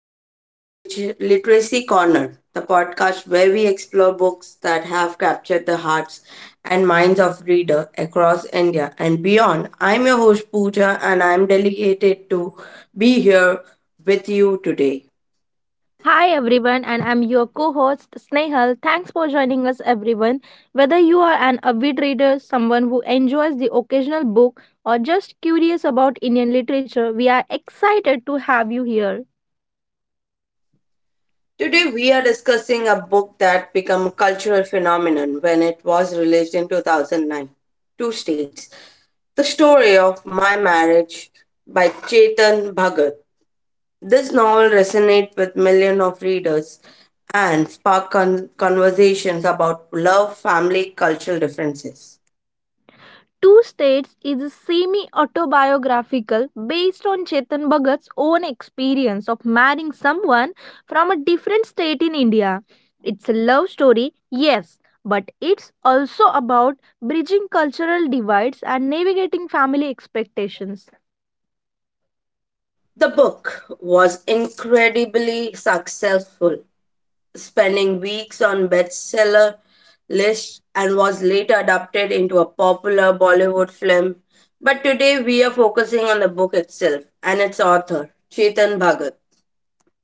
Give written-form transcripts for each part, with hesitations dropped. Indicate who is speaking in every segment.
Speaker 1: to the Literature Literacy Corner, the podcast where we explore books that have captured the hearts and minds of readers across India and beyond. I'm your host Pooja, and I'm delighted to be here with you today.
Speaker 2: Hi everyone, and I'm your co-host Snehal. Thanks for joining us, everyone. Whether you are an avid reader, someone who enjoys the occasional book, or just curious about Indian literature, we are excited to have you here.
Speaker 1: Today we are discussing a book that became a cultural phenomenon when it was released in 2009. Two states. The story of my marriage by Chetan Bhagat. This novel resonates with millions of readers and sparked conversations about love, family, cultural differences.
Speaker 2: Two States is semi autobiographical based on Chetan Bhagat's own experience of marrying someone from a different state in India. It's a love story, yes, but it's also about bridging cultural divides and navigating family expectations.
Speaker 1: The book was incredibly successful, spending weeks on bestseller lists, and was later adapted into a popular Bollywood film. But today we are focusing on the book itself and its author, Chetan Bhagat.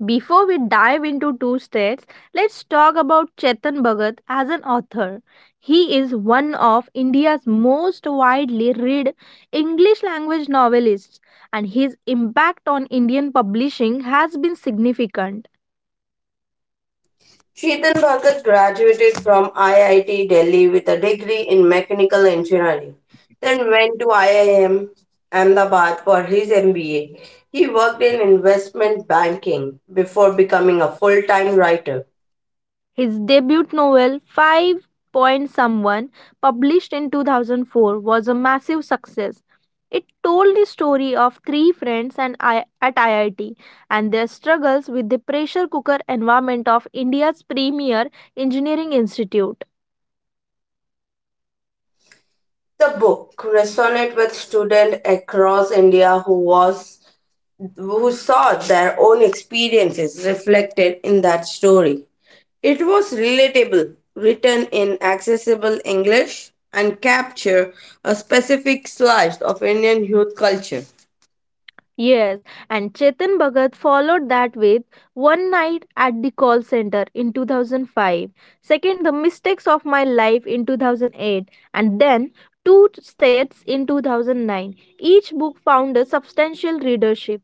Speaker 2: Before we dive into two states, let's talk about Chetan Bhagat as an author. He is one of India's most widely read English language novelists, and his impact on Indian publishing has been significant.
Speaker 1: Chetan Bhagat graduated from IIT Delhi with a degree in mechanical engineering, then went to IIM Ahmedabad for his MBA. He worked in investment banking before becoming a full time writer.
Speaker 2: His debut novel, Five Point Someone, published in 2004, was a massive success. It told the story of three friends and I- at IIT and their struggles with the pressure cooker environment of India's premier engineering institute.
Speaker 1: The book resonated with students across India who was who saw their own experiences reflected in that story. It was relatable, written in accessible English, and capture a specific slice of Indian youth culture.
Speaker 2: Yes, and Chetan Bhagat followed that with One Night at the Call Center in 2005, second The Mistakes of My Life in 2008, and then Two States in 2009. Each book found a substantial readership.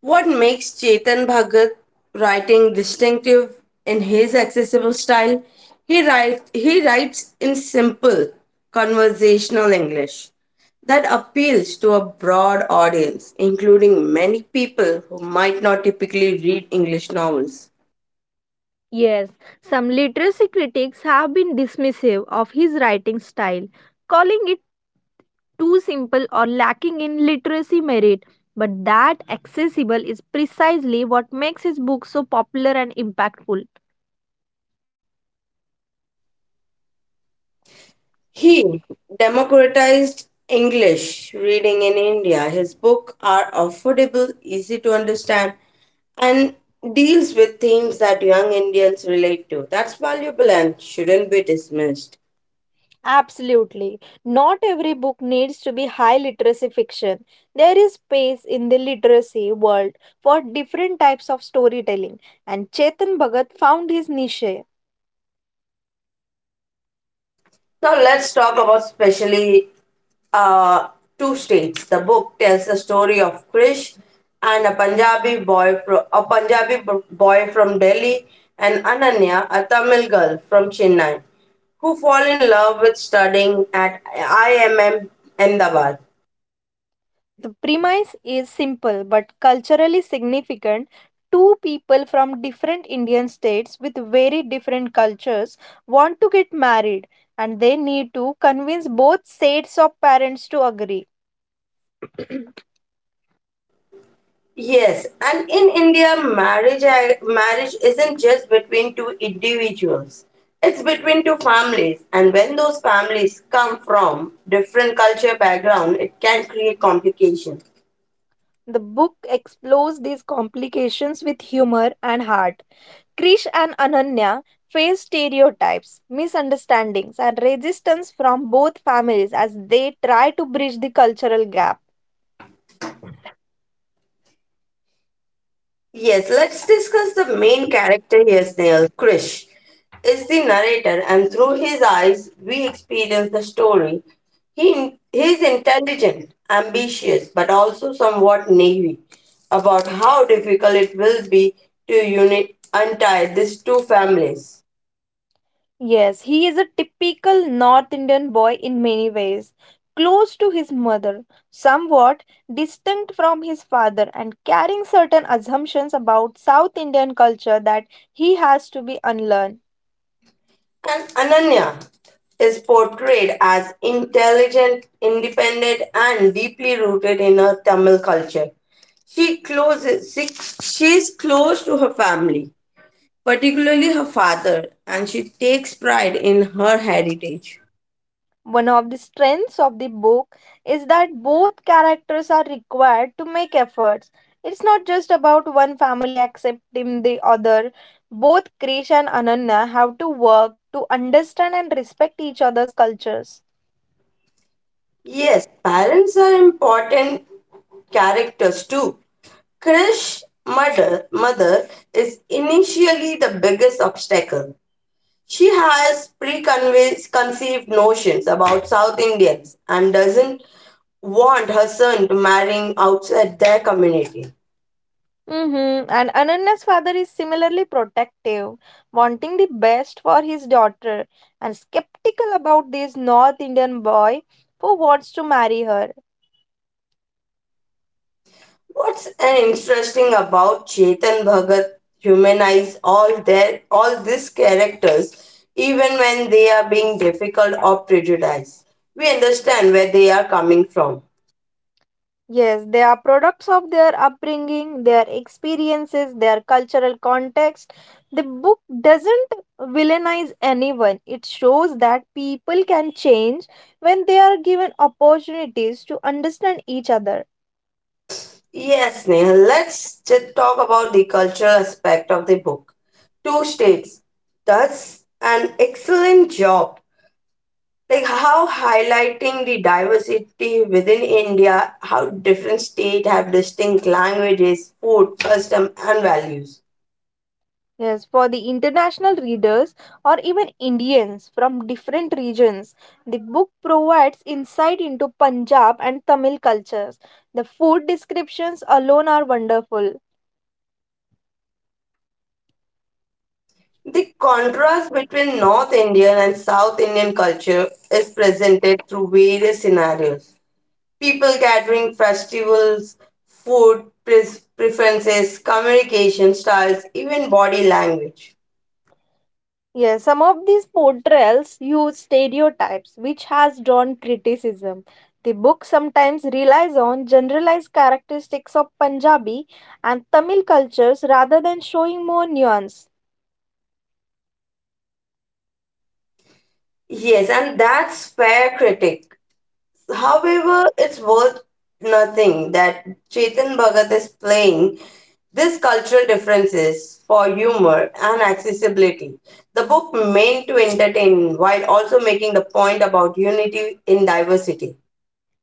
Speaker 1: What makes Chetan Bhagat writing distinctive in his accessible style? He writes in simple conversational English that appeals to a broad audience, including many people who might not typically read English novels.
Speaker 2: Yes, some literacy critics have been dismissive of his writing style, calling it too simple or lacking in literacy merit. But that accessible is precisely what makes his book so popular and impactful.
Speaker 1: He democratized English reading in India. His books are affordable, easy to understand, and deals with themes that young Indians relate to. That's valuable and shouldn't be dismissed.
Speaker 2: Absolutely. Not every book needs to be high literacy fiction. There is space in the literacy world for different types of storytelling, and Chetan Bhagat found his niche.
Speaker 1: Now let's talk about specially uh, two states. The book tells the story of Krish and a Punjabi boy, a Punjabi boy from Delhi, and Ananya, a Tamil girl from Chennai, who fall in love with studying at IIM Ahmedabad.
Speaker 2: The premise is simple but culturally significant. Two people from different Indian states with very different cultures want to get married and they need to convince both sets of parents to agree. The
Speaker 1: Yes, and in India, marriage isn't just between two individuals. It's between two families, and when those families come from different culture background, it can create complications.
Speaker 2: book explores these complications with humor and heart. Krish and Ananya face stereotypes, misunderstandings, and resistance from both families as they try to bridge the cultural gap.
Speaker 1: Yes, let's discuss the main character here, Snail. Krish is the narrator, and through his eyes, we experience the story. He is intelligent, ambitious, but also somewhat naive about how difficult it will be to untie these two families.
Speaker 2: Yes, he is a typical North Indian boy in many ways. Close to his mother, somewhat distinct from his father, and carrying certain assumptions about South Indian culture that he has to be unlearned.
Speaker 1: And Ananya is portrayed as intelligent, independent, and deeply rooted in her Tamil culture. She closes, she, she is close to her family, particularly her father, and she takes pride in her heritage.
Speaker 2: One of the strengths of the book is that both characters are required to make efforts. It's not just about one family accepting the other. Both Krish and Ananya have to work to understand and respect each other's cultures.
Speaker 1: Yes, parents are important characters too. Krish's mother is initially the biggest obstacle. She has preconceived notions about South Indians and doesn't want her son to marrying outside their community.
Speaker 2: Mm-hmm. And Ananya's father is similarly protective, wanting the best for his daughter, and skeptical about this North Indian boy who wants to marry her.
Speaker 1: What's an interesting about Chetan Bhagat humanize all these characters even when they are being difficult or prejudiced. We understand where they are coming from.
Speaker 2: Yes, they are products of their upbringing, their experiences, their cultural context. The book doesn't villainize anyone, it shows that people can change when they are given opportunities to understand each other.
Speaker 1: Yes, Neha, let's just talk about the cultural aspect of the book. Two States does an excellent job, like how highlighting the diversity within India, how different states have distinct languages, food, custom, and values.
Speaker 2: Yes, for the international readers or even Indians from different regions, the book provides insight into Punjab and Tamil cultures. The food descriptions alone are wonderful.
Speaker 1: The contrast between North Indian and South Indian culture is presented through various scenarios: people gathering, festivals, food pre- preferences, communication styles, even body language.
Speaker 2: Yes, some of these portrayals use stereotypes, which has drawn criticism. The book sometimes relies on generalized characteristics of Punjabi and Tamil cultures rather than showing more nuance.
Speaker 1: Yes, and that's fair critic. However, it's worth nothing that Chetan Bhagat is playing these cultural differences for humor and accessibility. The book meant to entertain while also making the point about unity in diversity.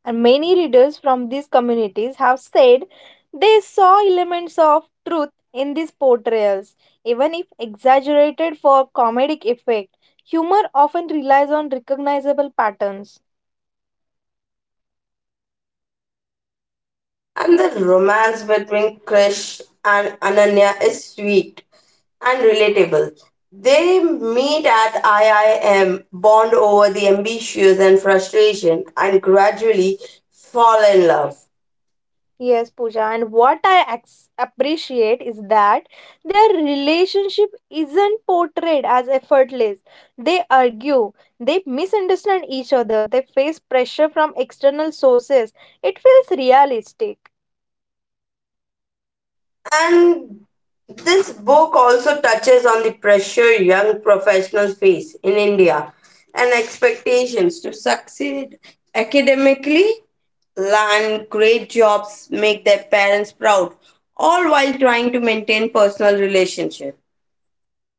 Speaker 2: And many readers from these communities have said they saw elements of truth in these portrayals, even if exaggerated for comedic effect. Humor often relies on recognizable patterns.
Speaker 1: And the romance between Krish and Ananya is sweet and relatable. They meet at IIM, bond over the ambitions and frustration, and gradually fall in love.
Speaker 2: Yes, Pooja, and what I appreciate is that their relationship isn't portrayed as effortless. They argue, they misunderstand each other, they face pressure from external sources. It feels realistic.
Speaker 1: And this book also touches on the pressure young professionals face in India and expectations to succeed academically, land great jobs, make their parents proud, all while trying to maintain personal relationships.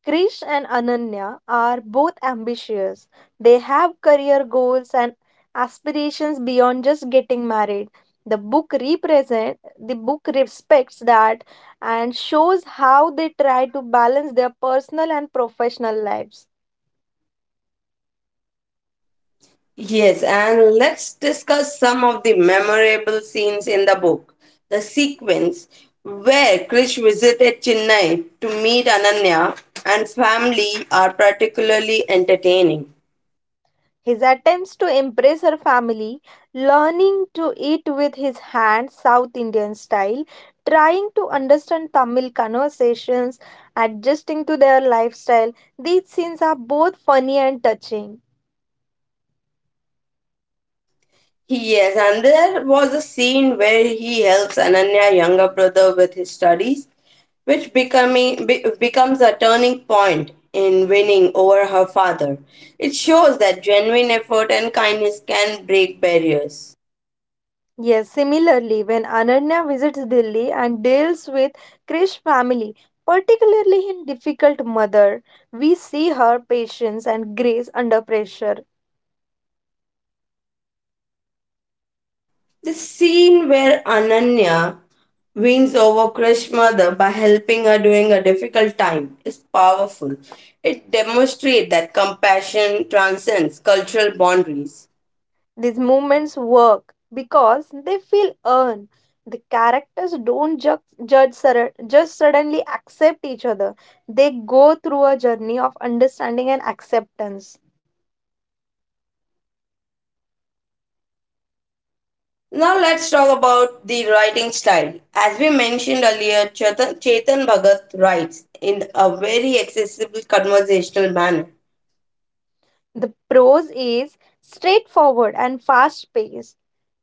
Speaker 2: Krish and Ananya are both ambitious. They have career goals and aspirations beyond just getting married. The book represent the book respects that and shows how they try to balance their personal and professional lives.
Speaker 1: Yes, and let's discuss some of the memorable scenes in the book. The sequence where Krish visited Chennai to meet Ananya and family are particularly entertaining.
Speaker 2: His attempts to impress her family, learning to eat with his hands South Indian style, trying to understand Tamil conversations, adjusting to their lifestyle, these scenes are both funny and touching.
Speaker 1: Yes, and there was a scene where he helps Ananya younger brother with his studies, which becomes a turning point in winning over her father. It shows that genuine effort and kindness can break barriers.
Speaker 2: Yes, similarly, when Ananya visits Delhi and deals with Krish family, particularly his difficult mother, we see her patience and grace under pressure.
Speaker 1: The scene where Ananya wins over Krish's mother by helping her during a difficult time is powerful. It demonstrates that compassion transcends cultural boundaries.
Speaker 2: These movements work because they feel earned. The characters don't just suddenly accept each other. They go through a journey of understanding and acceptance.
Speaker 1: Now let's talk about the writing style. As we mentioned earlier, Chetan Bhagat writes in a very accessible conversational manner.
Speaker 2: The prose is straightforward and fast paced.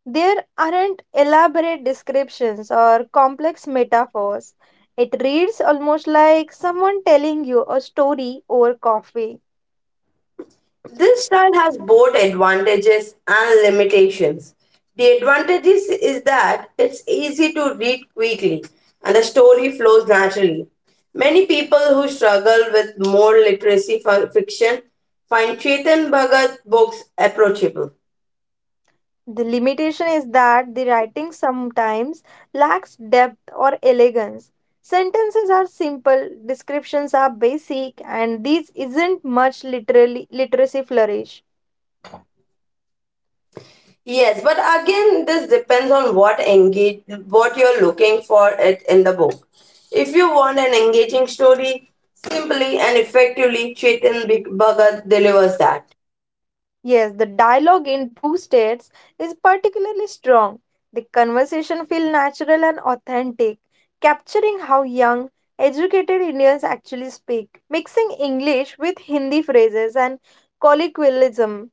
Speaker 2: There aren't elaborate descriptions or complex metaphors. It reads almost like someone telling you a story over coffee.
Speaker 1: This style has both advantages and limitations. The advantages is that it's easy to read quickly and the story flows naturally. Many people who struggle with more literacy fiction find Chetan Bhagat books approachable.
Speaker 2: The limitation is that the writing sometimes lacks depth or elegance. Sentences are simple, descriptions are basic, and these isn't much literally literacy flourish.
Speaker 1: Yes, but again, this depends on what engage, what you're looking for it in the book. If you want an engaging story, simply and effectively, Chetan Bhagat delivers that.
Speaker 2: Yes, the dialogue in two states is particularly strong. The conversation feels natural and authentic, capturing how young, educated Indians actually speak, mixing English with Hindi phrases and colloquialism.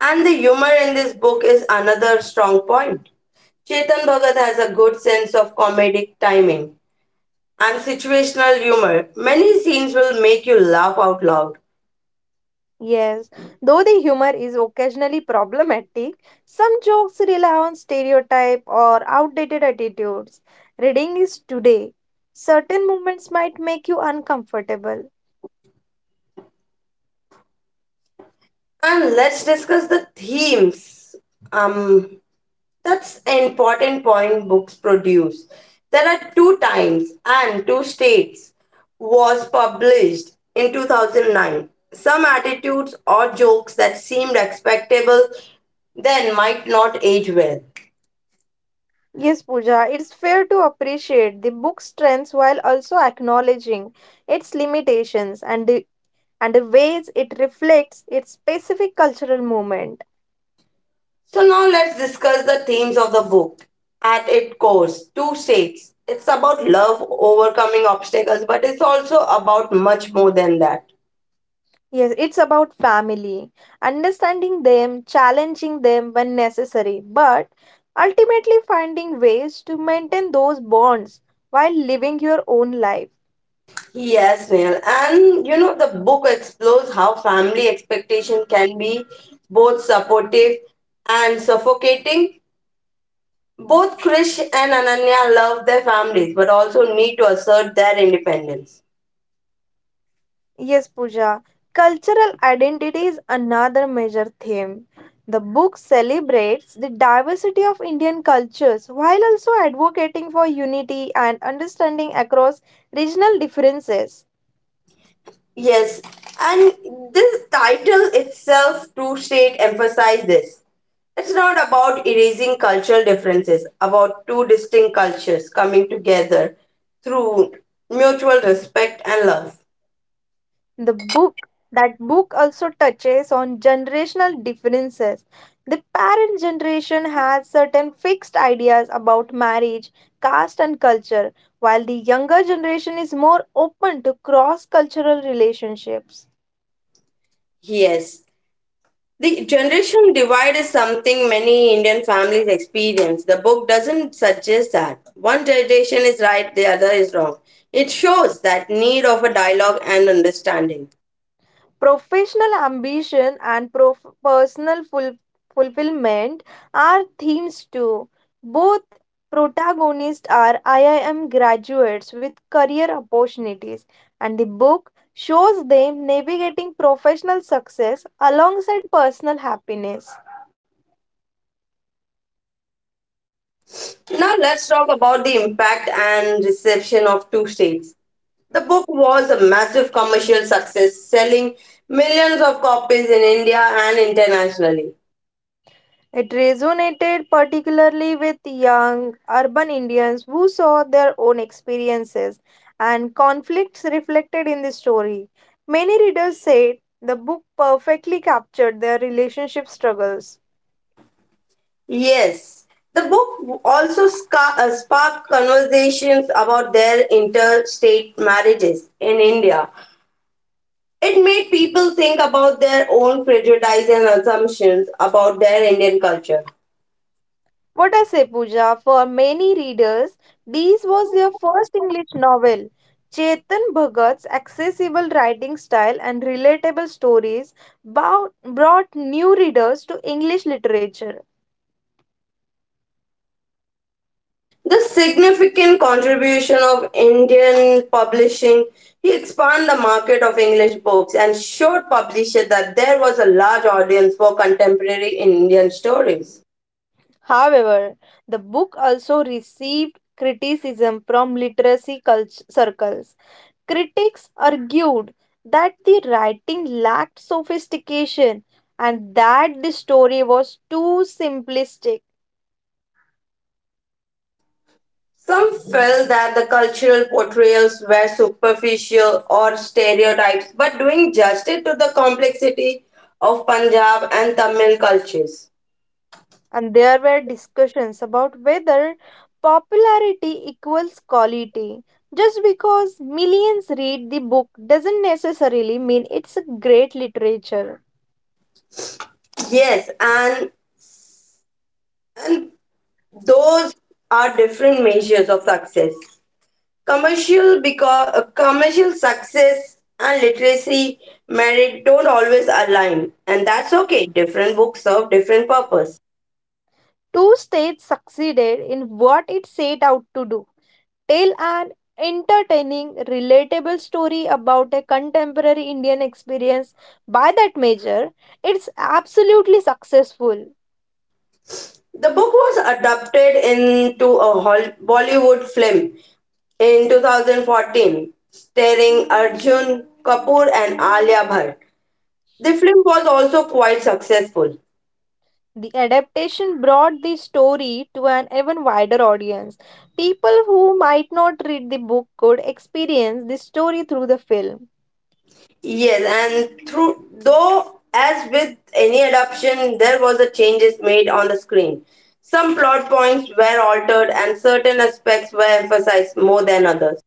Speaker 1: And the humor in this book is another strong point. Chetan Bhagat has a good sense of comedic timing and situational humor. Many scenes will make you laugh out loud.
Speaker 2: Yes, though the humor is occasionally problematic, some jokes rely on stereotype or outdated attitudes. Reading is today. Certain movements might make you uncomfortable.
Speaker 1: And let's discuss the themes. Um, that's an important point books produce. There are two times and two states was published in 2009. Some attitudes or jokes that seemed acceptable then might not age well.
Speaker 2: Yes, Pooja, it's fair to appreciate the book's strengths while also acknowledging its limitations and the ways it reflects its specific cultural moment.
Speaker 1: So now let's discuss the themes of the book. At its core, two states. It's about love, overcoming obstacles, but it's also about much more than that.
Speaker 2: Yes, it's about family, understanding them, challenging them when necessary, but ultimately finding ways to maintain those bonds while living your own life.
Speaker 1: Yes, Neil. And you know, the book explores how family expectation can be both supportive and suffocating. Both Krish and Ananya love their families, but also need to assert their independence.
Speaker 2: Yes, Pooja, cultural identity is another major theme. The book celebrates the diversity of Indian cultures while also advocating for unity and understanding across regional differences.
Speaker 1: Yes, and this title itself, True State, emphasizes this. It's not about erasing cultural differences, about two distinct cultures coming together through mutual respect and love.
Speaker 2: The book that book also touches on generational differences. The parent generation has certain fixed ideas about marriage, caste and culture, while the younger generation is more open to cross cultural relationships.
Speaker 1: Yes. The generation divide is something many Indian families experience. The book doesn't suggest that. One generation is right, the other is wrong. It shows that need of a dialogue and understanding.
Speaker 2: Professional ambition and prof- personal ful- fulfillment are themes too. Both protagonists are IIM graduates with career opportunities, and the book shows them navigating professional success alongside personal happiness.
Speaker 1: Now let's talk about the impact and reception of two states. The book was a massive commercial success, selling millions of copies in India and internationally.
Speaker 2: It resonated particularly with young urban Indians who saw their own experiences and conflicts reflected in the story. Many readers said the book perfectly captured their relationship struggles.
Speaker 1: Yes, the book also sparked conversations about their interstate marriages in India. It made people think about their own prejudice and assumptions about their Indian culture.
Speaker 2: What I say, Pooja, for many readers, this was their first English novel. Chetan Bhagat's accessible writing style and relatable stories brought new readers to English literature.
Speaker 1: The significant contribution of Indian publishing, he expanded the market of English books and showed publishers that there was a large audience for contemporary Indian stories.
Speaker 2: However, the book also received criticism from literacy circles. Critics argued that the writing lacked sophistication and that the story was too simplistic,
Speaker 1: Some felt that the cultural portrayals were superficial or stereotypes, but doing justice to the complexity of Punjab and Tamil cultures.
Speaker 2: and there were discussions about whether popularity equals quality. Just because millions read the book doesn't necessarily mean it's a great literature.
Speaker 1: Yes, and those are different measures of success. Commercial because commercial success and literacy merit don't always align, and that's okay. Different books serve different purpose.
Speaker 2: Two states succeeded in what it set out to do: tell an entertaining, relatable story about a contemporary Indian experience. By that measure, it's absolutely successful.
Speaker 1: The book was adapted into a Bollywood film in 2014, starring Arjun Kapoor and Alia Bhatt. The film was also quite successful.
Speaker 2: The adaptation brought the story to an even wider audience. People who might not read the book could experience the story through the film.
Speaker 1: Yes, and through though as with any adoption, there was a changes made on the screen. Some plot points were altered and certain aspects were emphasized more than others.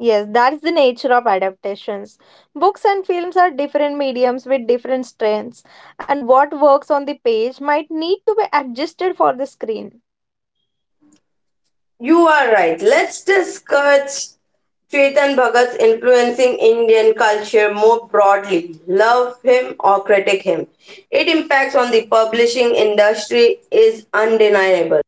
Speaker 2: Yes, that's the nature of adaptations. Books and films are different mediums with different strengths, and what works on the page might need to be adjusted for the screen.
Speaker 1: You are right. Let's discuss Chetan Bhagat's influencing Indian culture more broadly. Love him or critic him. Its impacts on the publishing industry is undeniable.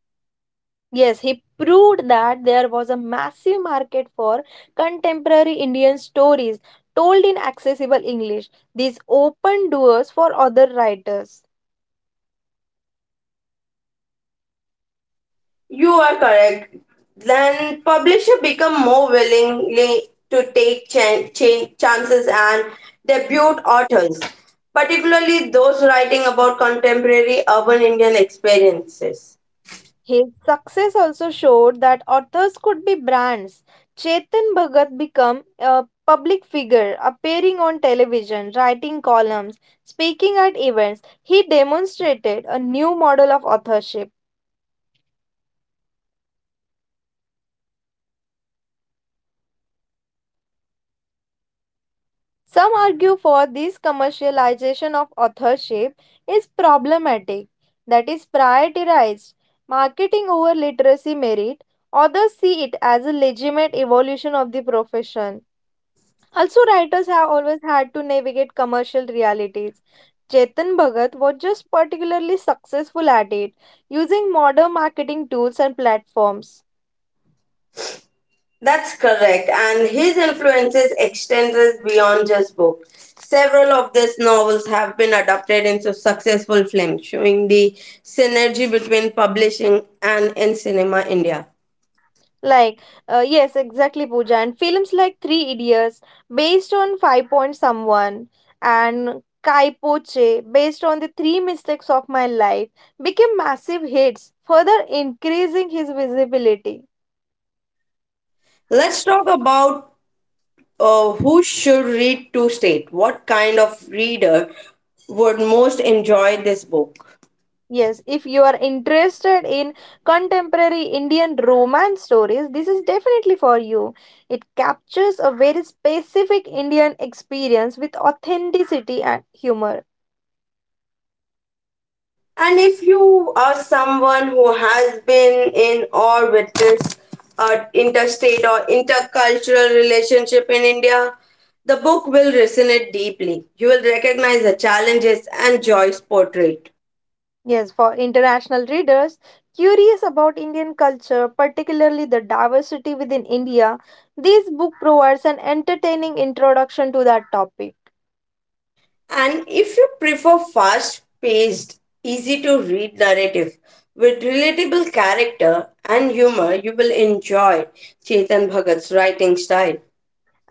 Speaker 2: Yes, he proved that there was a massive market for contemporary Indian stories told in accessible English. These opened doors for other writers.
Speaker 1: You are correct. Then publisher become more willingly to take chances and debut authors, particularly those writing about contemporary urban Indian experiences.
Speaker 2: His success also showed that authors could be brands. Chetan Bhagat became a public figure, appearing on television, writing columns, speaking at events. He demonstrated a new model of authorship. Some argue for this commercialization of authorship is problematic, that is, prioritized marketing over literacy merit. Others see it as a legitimate evolution of the profession. Also, writers have always had to navigate commercial realities. Chetan Bhagat was just particularly successful at it, using modern marketing tools and platforms.
Speaker 1: That's correct, and his influences extends beyond just books. Several of these novels have been adapted into successful films, showing the synergy between publishing and in cinema India.
Speaker 2: Like, yes, exactly, Pooja. And films like Three Idiots, based on Five Point Someone, and Kai Poche, based on the Three Mistakes of My Life, became massive hits, further increasing his visibility.
Speaker 1: Let's talk about who should read to state? What kind of reader would most enjoy this book?
Speaker 2: Yes, if you are interested in contemporary Indian romance stories, this is definitely for you. It captures a very specific Indian experience with authenticity and humor.
Speaker 1: And if you are someone who has been in or witnessed a interstate or intercultural relationship in India, the book will resonate deeply. You will recognize the challenges and joys portrayed.
Speaker 2: Yes, for international readers curious about Indian culture, particularly the diversity within India, this book provides an entertaining introduction to that topic.
Speaker 1: And if you prefer fast paced, easy to read narrative with relatable character and humor, you will enjoy Chetan Bhagat's writing style.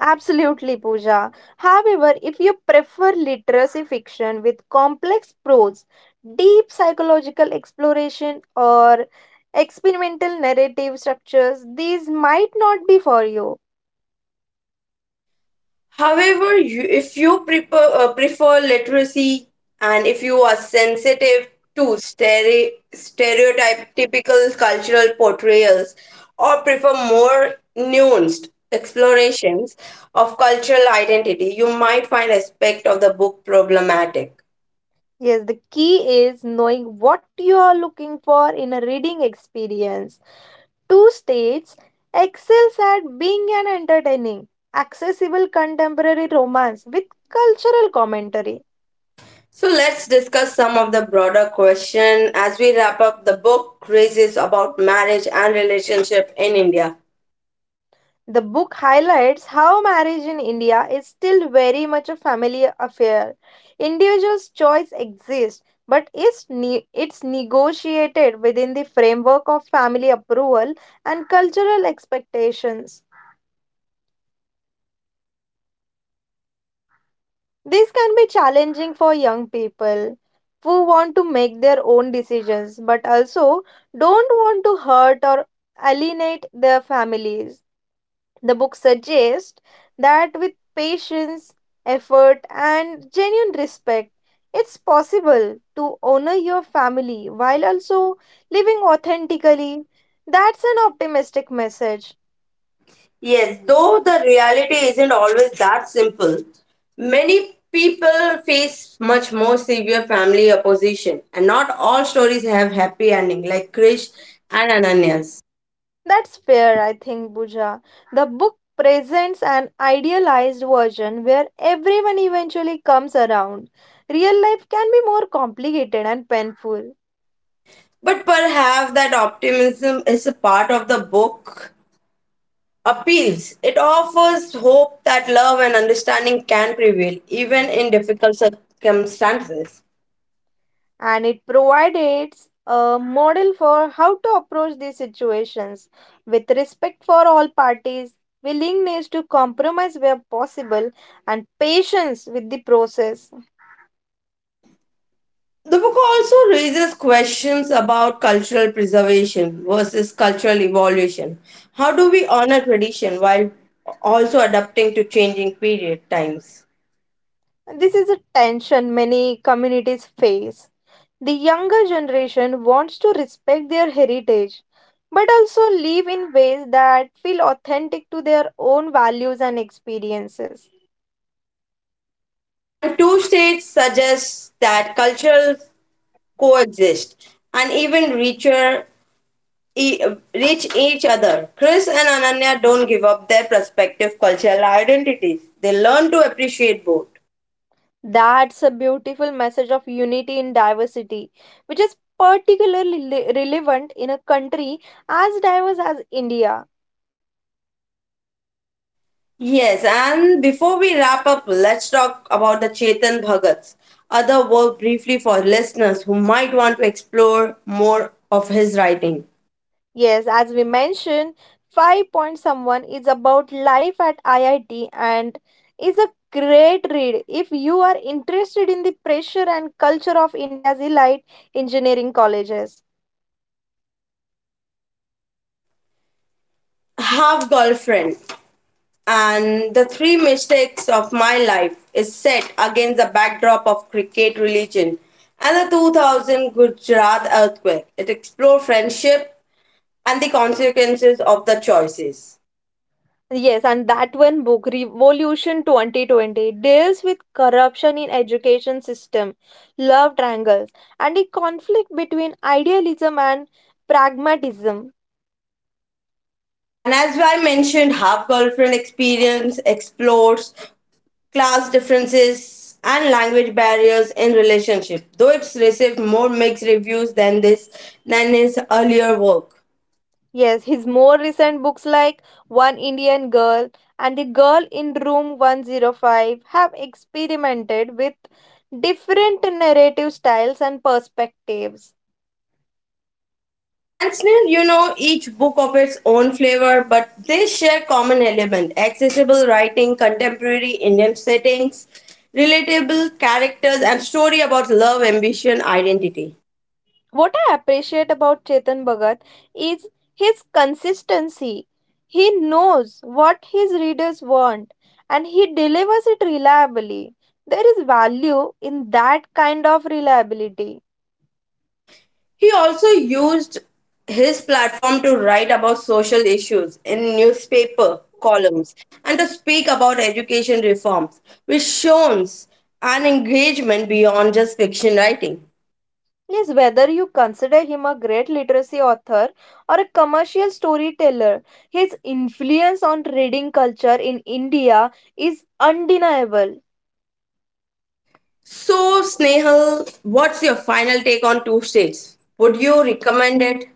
Speaker 2: Absolutely, Pooja. However, if you prefer literacy fiction with complex prose, deep psychological exploration, or experimental narrative structures, these might not be for you.
Speaker 1: However, you, if you prefer literacy, and if you are sensitive to stereotypical cultural portrayals or prefer more nuanced explorations of cultural identity, you might find aspect of the book problematic.
Speaker 2: Yes, the key is knowing what you are looking for in a reading experience. Two states excels at being an entertaining, accessible contemporary romance with cultural commentary.
Speaker 1: So let's discuss some of the broader question as we wrap up the book raises about marriage and relationship in India.
Speaker 2: The book highlights how marriage in India is still very much a family affair. Individuals' choice exists, but it's negotiated within the framework of family approval and cultural expectations. This can be challenging for young people who want to make their own decisions but also don't want to hurt or alienate their families. The book suggests that with patience, effort, and genuine respect, it's possible to honor your family while also living authentically. That's an optimistic message.
Speaker 1: Yes, though the reality isn't always that simple. Many people face much more severe family opposition and not all stories have happy ending like Krish and Ananya's.
Speaker 2: That's fair, I think, Buja. The book presents an idealized version where everyone eventually comes around. Real life can be more complicated and painful,
Speaker 1: But perhaps that optimism is a part of the book appeals. It offers hope that love and understanding can prevail even in difficult circumstances.
Speaker 2: and it provides a model for how to approach these situations with respect for all parties, willingness to compromise where possible, and patience with the process.
Speaker 1: The book also raises questions about cultural preservation versus cultural evolution. How do we honor tradition while also adapting to changing period times?
Speaker 2: This is a tension many communities face. The younger generation wants to respect their heritage but also live in ways that feel authentic to their own values and experiences.
Speaker 1: And two states suggest that cultural coexist and even richer e- reach each other. Chris and Ananya don't give up their respective cultural identities. They learn to appreciate both.
Speaker 2: That's a beautiful message of unity in diversity, which is particularly relevant in a country as diverse as India.
Speaker 1: Yes, and before we wrap up, let's talk about the Chetan Bhagat's other work briefly for listeners who might want to explore more of his writing.
Speaker 2: Yes, as we mentioned, Five Point Someone is about life at IIT and is a great read if you are interested in the pressure and culture of India's elite engineering colleges.
Speaker 1: Half Girlfriend and The Three Mistakes of My Life is set against the backdrop of cricket religion and the 2000 Gujarat earthquake. It explores friendship, and the consequences of the choices.
Speaker 2: Yes, and that one book, Revolution 2020, deals with corruption in education system, love triangles, and the conflict between idealism and pragmatism.
Speaker 1: And as I mentioned, half girlfriend experience explores class differences and language barriers in relationship, though it's received more mixed reviews than this than his earlier work.
Speaker 2: Yes, his more recent books like One Indian Girl and The Girl in Room 105 have experimented with different narrative styles and perspectives.
Speaker 1: And still, you know, each book of its own flavor, but they share common element: accessible writing, contemporary Indian settings, relatable characters, and story about love, ambition, identity.
Speaker 2: What I appreciate about Chetan Bhagat is his consistency. He knows what his readers want and he delivers it reliably. There is value in that kind of reliability.
Speaker 1: He also used his platform to write about social issues in newspaper columns and to speak about education reforms, which shows an engagement beyond just fiction writing.
Speaker 2: Yes, whether you consider him a great literacy author or a commercial storyteller, his influence on reading culture in India is undeniable.
Speaker 1: So, Snehal, what's your final take on Two States? Would you recommend it?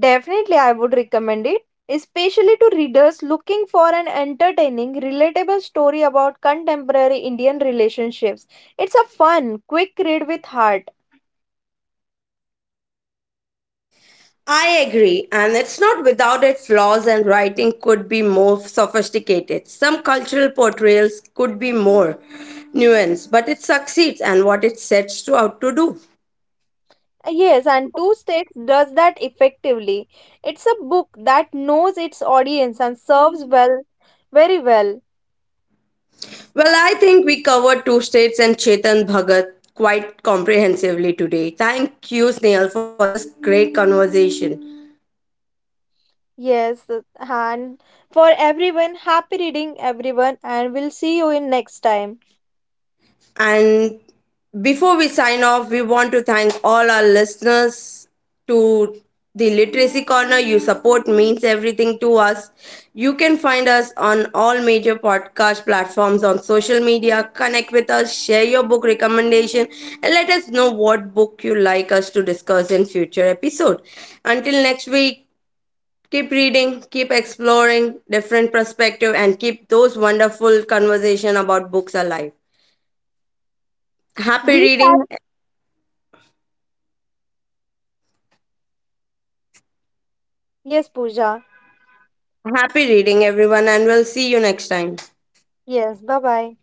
Speaker 2: Definitely, I would recommend it, especially to readers looking for an entertaining, relatable story about contemporary Indian relationships. It's a fun, quick read with heart.
Speaker 1: I agree, and it's not without its flaws, and writing could be more sophisticated. Some cultural portrayals could be more nuanced, but it succeeds and what it sets to out to do.
Speaker 2: Yes, and Two States does that effectively. It's a book that knows its audience and serves well, very well.
Speaker 1: Well, I think we covered two states and Chetan Bhagat quite comprehensively today. Thank you, Snail, for this great conversation.
Speaker 2: Yes, and for everyone, happy reading, everyone, and we'll see you in next time.
Speaker 1: And before we sign off, we want to thank all our listeners to the Literacy Corner. Your support means everything to us. You can find us on all major podcast platforms on social media. Connect with us, share your book recommendation, and let us know what book you like us to discuss in future episode. Until next week, keep reading, keep exploring different perspective, and keep those wonderful conversation about books alive. Happy
Speaker 2: These are
Speaker 1: reading.
Speaker 2: Yes, Pooja.
Speaker 1: Happy reading, everyone, and we'll see you next time.
Speaker 2: Yes, bye bye.